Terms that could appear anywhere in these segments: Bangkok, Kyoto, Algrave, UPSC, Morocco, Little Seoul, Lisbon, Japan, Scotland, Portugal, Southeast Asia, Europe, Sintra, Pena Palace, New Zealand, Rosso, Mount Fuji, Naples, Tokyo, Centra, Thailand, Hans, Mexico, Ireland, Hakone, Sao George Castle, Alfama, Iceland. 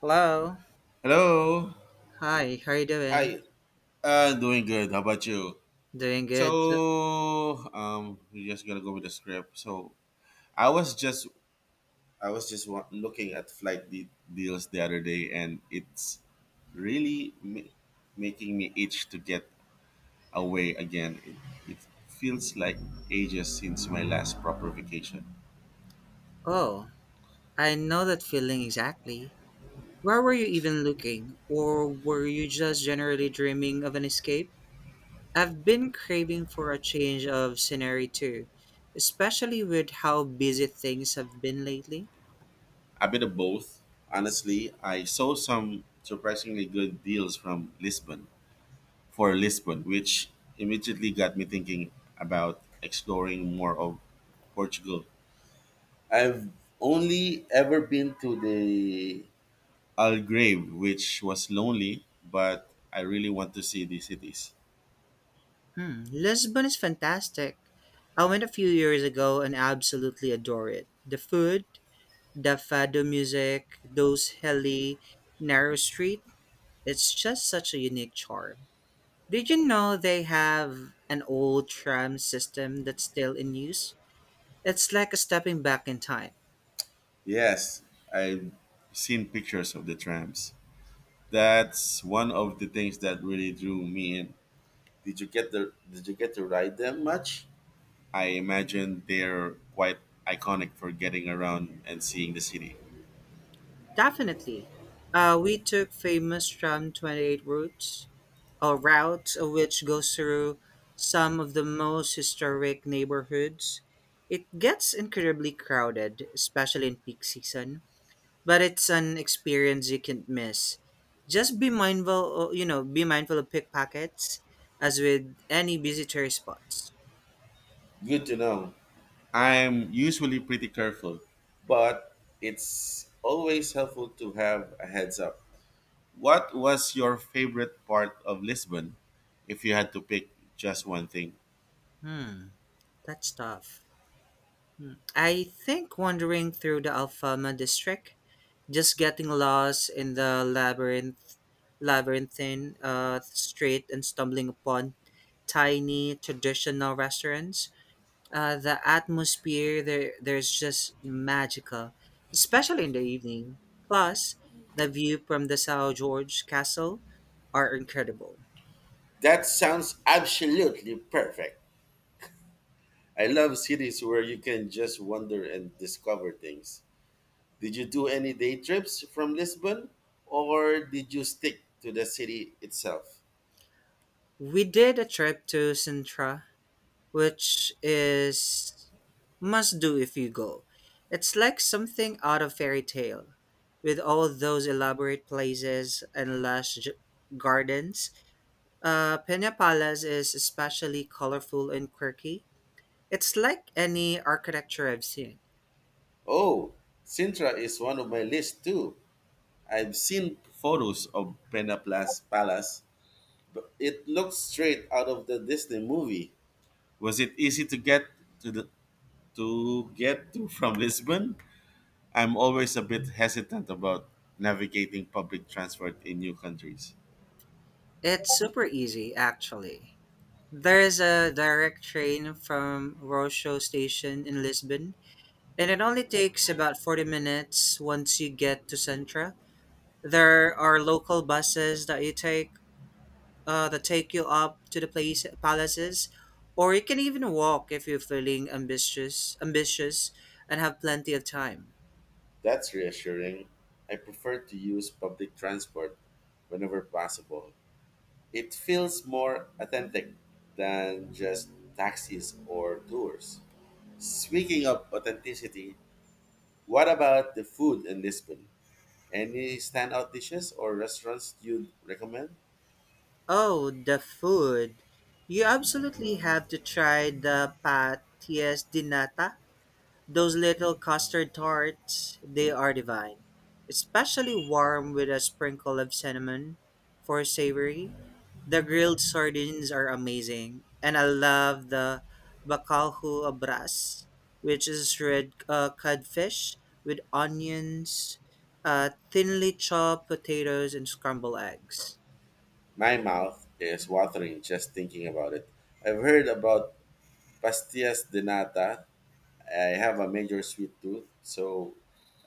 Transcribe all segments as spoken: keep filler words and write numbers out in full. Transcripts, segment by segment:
Hello. Hello. Hi, how are you doing? Hi. Uh, doing good. How about you? Doing good. So, um, we're just gonna go with the script. So, I was just, I was just wa- looking at flight de- deals the other day, and it's really ma- making me itch to get away again. It, it feels like ages since my last proper vacation. Oh, I know that feeling exactly. Where were you even looking? Or were you just generally dreaming of an escape? I've been craving for a change of scenery too, especially with how busy things have been lately. A bit of both, honestly. I saw some surprisingly good deals from Lisbon, for Lisbon, which immediately got me thinking about exploring more of Portugal. I've only ever been to the Algrave, which was lonely, but I really want to see the cities. Hmm, Lisbon is fantastic. I went a few years ago and absolutely adore it. The food, the fado music, those hilly, narrow streets. It's just such a unique charm. Did you know they have an old tram system that's still in use? It's like a stepping back in time. Yes, I've seen pictures of the trams. That's one of the things that really drew me in. Did you get the did you get to ride them much? I imagine they're quite iconic for getting around and seeing the city. Definitely. Uh, we took famous tram twenty-eight routes, or route uh, which goes through some of the most historic neighborhoods. It gets incredibly crowded, especially in peak season, but it's an experience you can't miss. Just be mindful, o- you know, be mindful of pickpockets, as with any busy tourist spots. Good to know. I'm usually pretty careful, but it's always helpful to have a heads up. What was your favorite part of Lisbon if you had to pick just one thing? Hmm, that's tough. Hmm. I think wandering through the Alfama district, just getting lost in the labyrinth, labyrinthine uh, street, and stumbling upon tiny traditional restaurants. Uh, the atmosphere there there's just magical, especially in the evening. Plus, the view from the Sao George Castle are incredible. That sounds absolutely perfect. I love cities where you can just wander and discover things. Did you do any day trips from Lisbon or did you stick to the city itself? We did a trip to Sintra, which is must do if you go. It's like something out of fairy tale, with all those elaborate places and lush j- gardens. Uh, Pena Palace is especially colorful and quirky. It's like any architecture I've seen. Oh, Sintra is one of my list too. I've seen photos of Penapla's palace, but it looks straight out of the Disney movie. Was it easy to get to the to get to from Lisbon? I'm always a bit hesitant about navigating public transport in new countries. It's super easy, actually. There is a direct train from Rosso station in Lisbon, and it only takes about forty minutes once you get to Centra. There are local buses that you take uh, that take you up to the place palaces, or you can even walk if you're feeling ambitious, ambitious, and have plenty of time. That's reassuring. I prefer to use public transport whenever possible. It feels more authentic than just taxis or tours. Speaking of authenticity, what about the food in Lisbon? Any standout dishes or restaurants you'd recommend? Oh, the food. You absolutely have to try the patillas de nata. Those little custard tarts, they are divine. Especially warm with a sprinkle of cinnamon for savory. The grilled sardines are amazing. And I love the bacalhau abras, which is red uh, codfish with onions, uh, thinly chopped potatoes, and scrambled eggs. My mouth is watering just thinking about it. I've heard about pastillas de nata. I have a major sweet tooth, so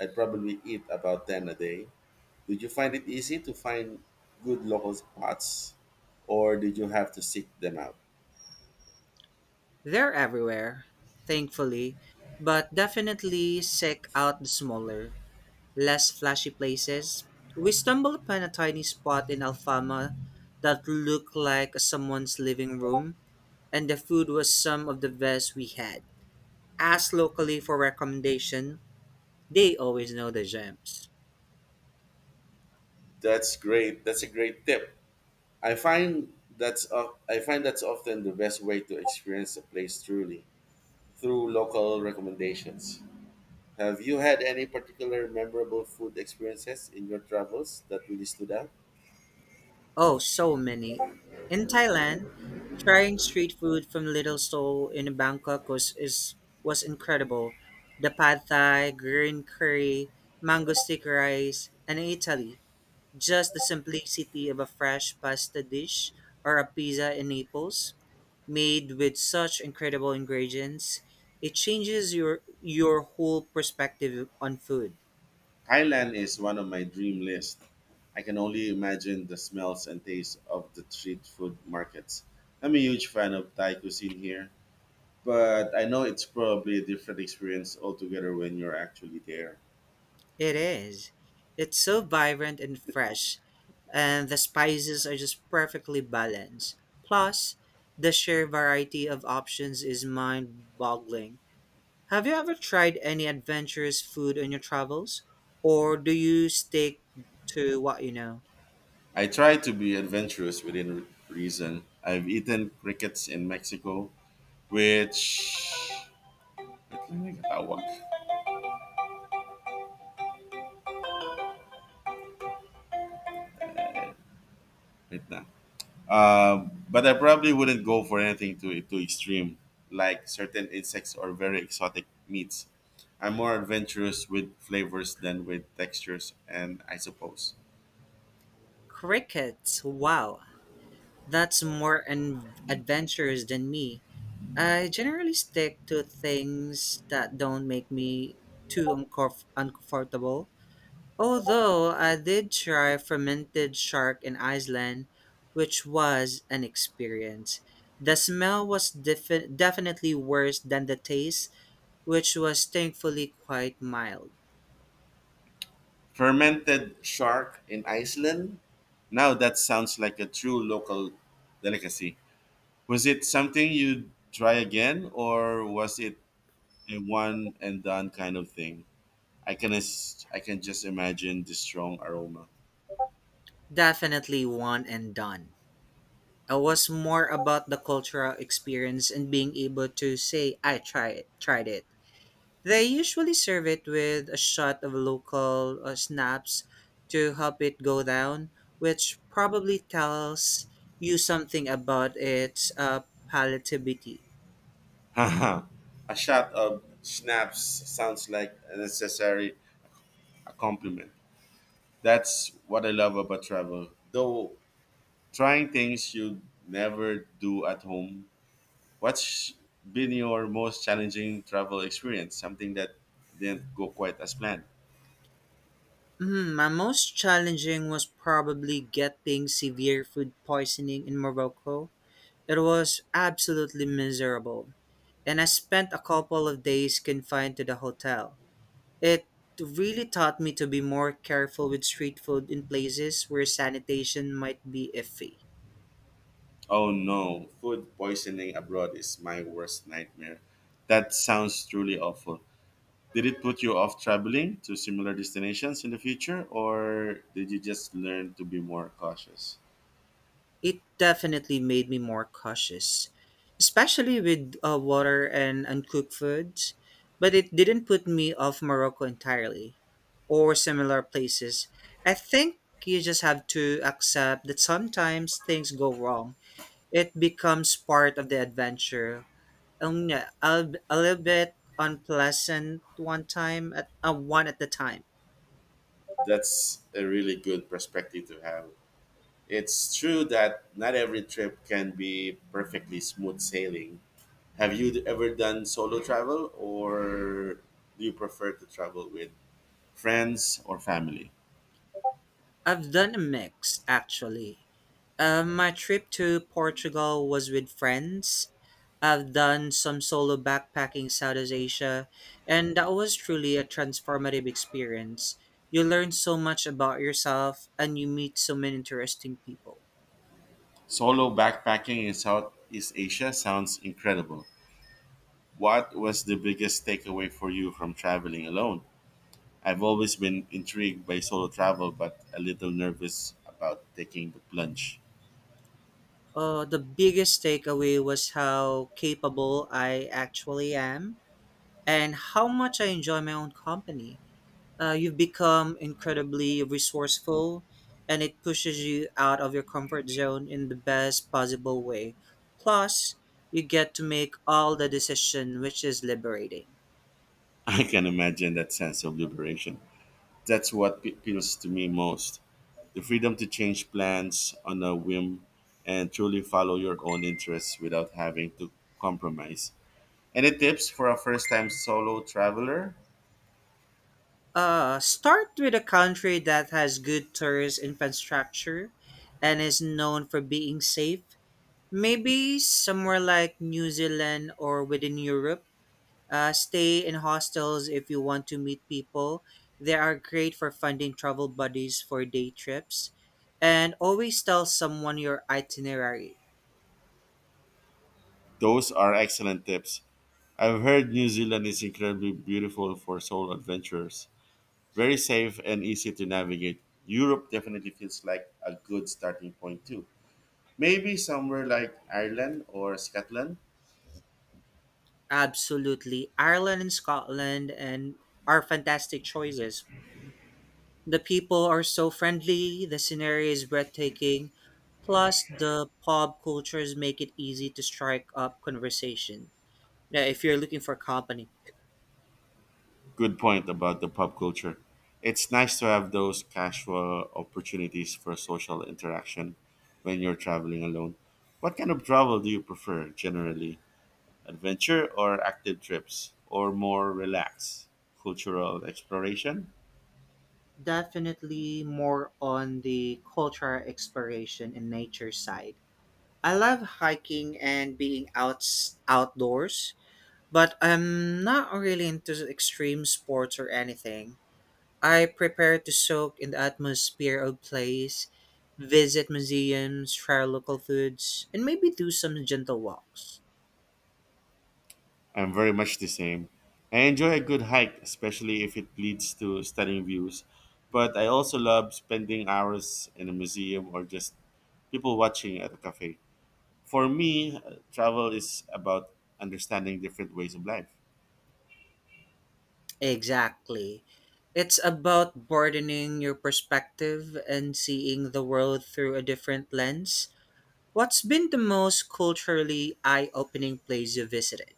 I'd probably eat about ten a day. Did you find it easy to find good local spots, or did you have to seek them out? They're everywhere, thankfully, but definitely seek out the smaller, less flashy places. We stumbled upon a tiny spot in Alfama that looked like someone's living room, and the food was some of the best we had. Ask locally for recommendation, they always know the gems. That's great. That's a great tip. I find that's of I find that's often the best way to experience a place truly, through local recommendations. Have you had any particular memorable food experiences in your travels that really stood out? Oh, so many. In Thailand, trying street food from Little Seoul in Bangkok was is was incredible. The pad thai, green curry, mango stick rice, and in Italy, just the simplicity of a fresh pasta dish or a pizza in Naples, made with such incredible ingredients, it changes your your whole perspective on food. Thailand is one of my dream list. I can only imagine the smells and tastes of the street food markets. I'm a huge fan of Thai cuisine here, but I know it's probably a different experience altogether when you're actually there. It is. It's so vibrant and fresh, and the spices are just perfectly balanced. Plus, the sheer variety of options is mind boggling. Have you ever tried any adventurous food on your travels? Or do you stick to what you know? I try to be adventurous within re- reason. I've eaten crickets in Mexico, which... Ba't lang nagkatawag? Right now. Um, but I probably wouldn't go for anything too too extreme, like certain insects or very exotic meats. I'm more adventurous with flavors than with textures, and I suppose Crickets, wow. That's more an adventurous than me. I generally stick to things that don't make me too uncomf- uncomfortable. Although I did try fermented shark in Iceland, which was an experience. The smell was defi- definitely worse than the taste, which was thankfully quite mild. fermented shark in Iceland. Now that sounds like a true local delicacy. Was it something you try again, or was it a one and done kind of thing? I can as- I can just imagine the strong aroma. Definitely one and done. It was more about the cultural experience and being able to say I tried it, tried it They usually serve it with a shot of local uh, snaps to help it go down, which probably tells you something about its uh, palatability. Haha, a shot of schnapps sounds like a necessary accompaniment. That's what I love about travel. Though trying things you never do at home. What's been your most challenging travel experience? Something that didn't go quite as planned. Mm, my most challenging was probably getting severe food poisoning in Morocco. It was absolutely miserable, and I spent a couple of days confined to the hotel. It really taught me to be more careful with street food in places where sanitation might be iffy. Oh no, food poisoning abroad is my worst nightmare. That sounds truly awful. Did it put you off traveling to similar destinations in the future, or did you just learn to be more cautious? It definitely made me more cautious, especially with uh, water and uncooked foods, but it didn't put me off Morocco entirely or similar places. I think you just have to accept that sometimes things go wrong. It becomes part of the adventure um, yeah, a, a little bit unpleasant one time at uh, one at the time. That's a really good perspective to have. It's true that not every trip can be perfectly smooth sailing. Have you ever done solo travel, or do you prefer to travel with friends or family? I've done a mix actually. Um, my trip to Portugal was with friends. I've done some solo backpacking Southeast Asia, and that was truly a transformative experience. You learn so much about yourself, and you meet so many interesting people. Solo backpacking in Southeast Asia sounds incredible. What was the biggest takeaway for you from traveling alone? I've always been intrigued by solo travel, but a little nervous about taking the plunge. Uh, the biggest takeaway was how capable I actually am and how much I enjoy my own company. Uh, you've become incredibly resourceful, and it pushes you out of your comfort zone in the best possible way. Plus, you get to make all the decision, which is liberating. I can imagine that sense of liberation. That's what pe- appeals to me most, the freedom to change plans on a whim and truly follow your own interests without having to compromise. Any tips for a first time solo traveler? Uh, start with a country that has good tourist infrastructure and is known for being safe. Maybe somewhere like New Zealand or within Europe. Uh, stay in hostels if you want to meet people. They are great for finding travel buddies for day trips. And always tell someone your itinerary. Those are excellent tips. I've heard New Zealand is incredibly beautiful for solo adventures. Very safe and easy to navigate. Europe definitely feels like a good starting point too. Maybe somewhere like Ireland or Scotland. Absolutely. Ireland and Scotland and are fantastic choices. The people are so friendly, the scenery is breathtaking, plus the pub cultures make it easy to strike up conversation. Yeah, if you're looking for company. Good point about the pub culture. It's nice to have those casual opportunities for social interaction when you're traveling alone. What kind of travel do you prefer generally? Adventure or active trips or more relaxed cultural exploration? Definitely more on the cultural exploration and nature side. I love hiking and being outs outdoors, but I'm not really into extreme sports or anything. I prepare to soak in the atmosphere of place, visit museums, try local foods, and maybe do some gentle walks. I'm very much the same. I enjoy a good hike, especially if it leads to stunning views. But I also love spending hours in a museum or just people watching at a cafe. For me, uh, travel is about understanding different ways of life. Exactly. It's about broadening your perspective and seeing the world through a different lens. What's been the most culturally eye opening place you visited?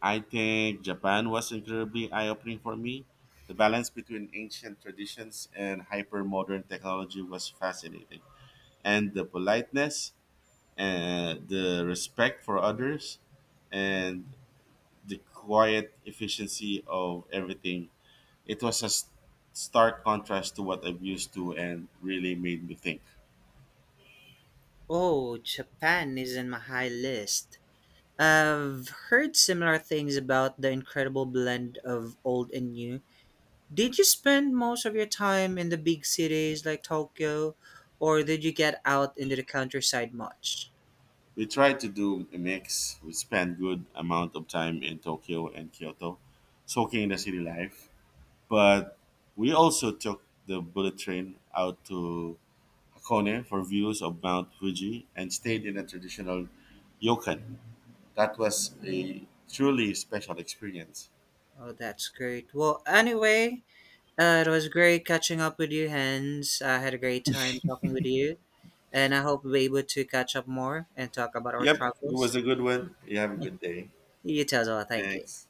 I think Japan was incredibly eye opening for me. The balance between ancient traditions and hyper modern technology was fascinating. And the politeness and the respect for others and the quiet efficiency of everything. It was a s- stark contrast to what I'm used to and really made me think. Oh, Japan is on my high list. I've heard similar things about the incredible blend of old and new. Did you spend most of your time in the big cities like Tokyo, or did you get out into the countryside much? We tried to do a mix. We spent good amount of time in Tokyo and Kyoto, soaking in the city life. But we also took the bullet train out to Hakone for views of Mount Fuji and stayed in a traditional ryokan. That was a truly special experience. Oh, that's great. Well, anyway, uh, it was great catching up with you, Hans. I had a great time talking with you, and I hope we'll be able to catch up more and talk about our Yep, it was travels. a good one. You have a good day. You too as well. Thank you. Thanks.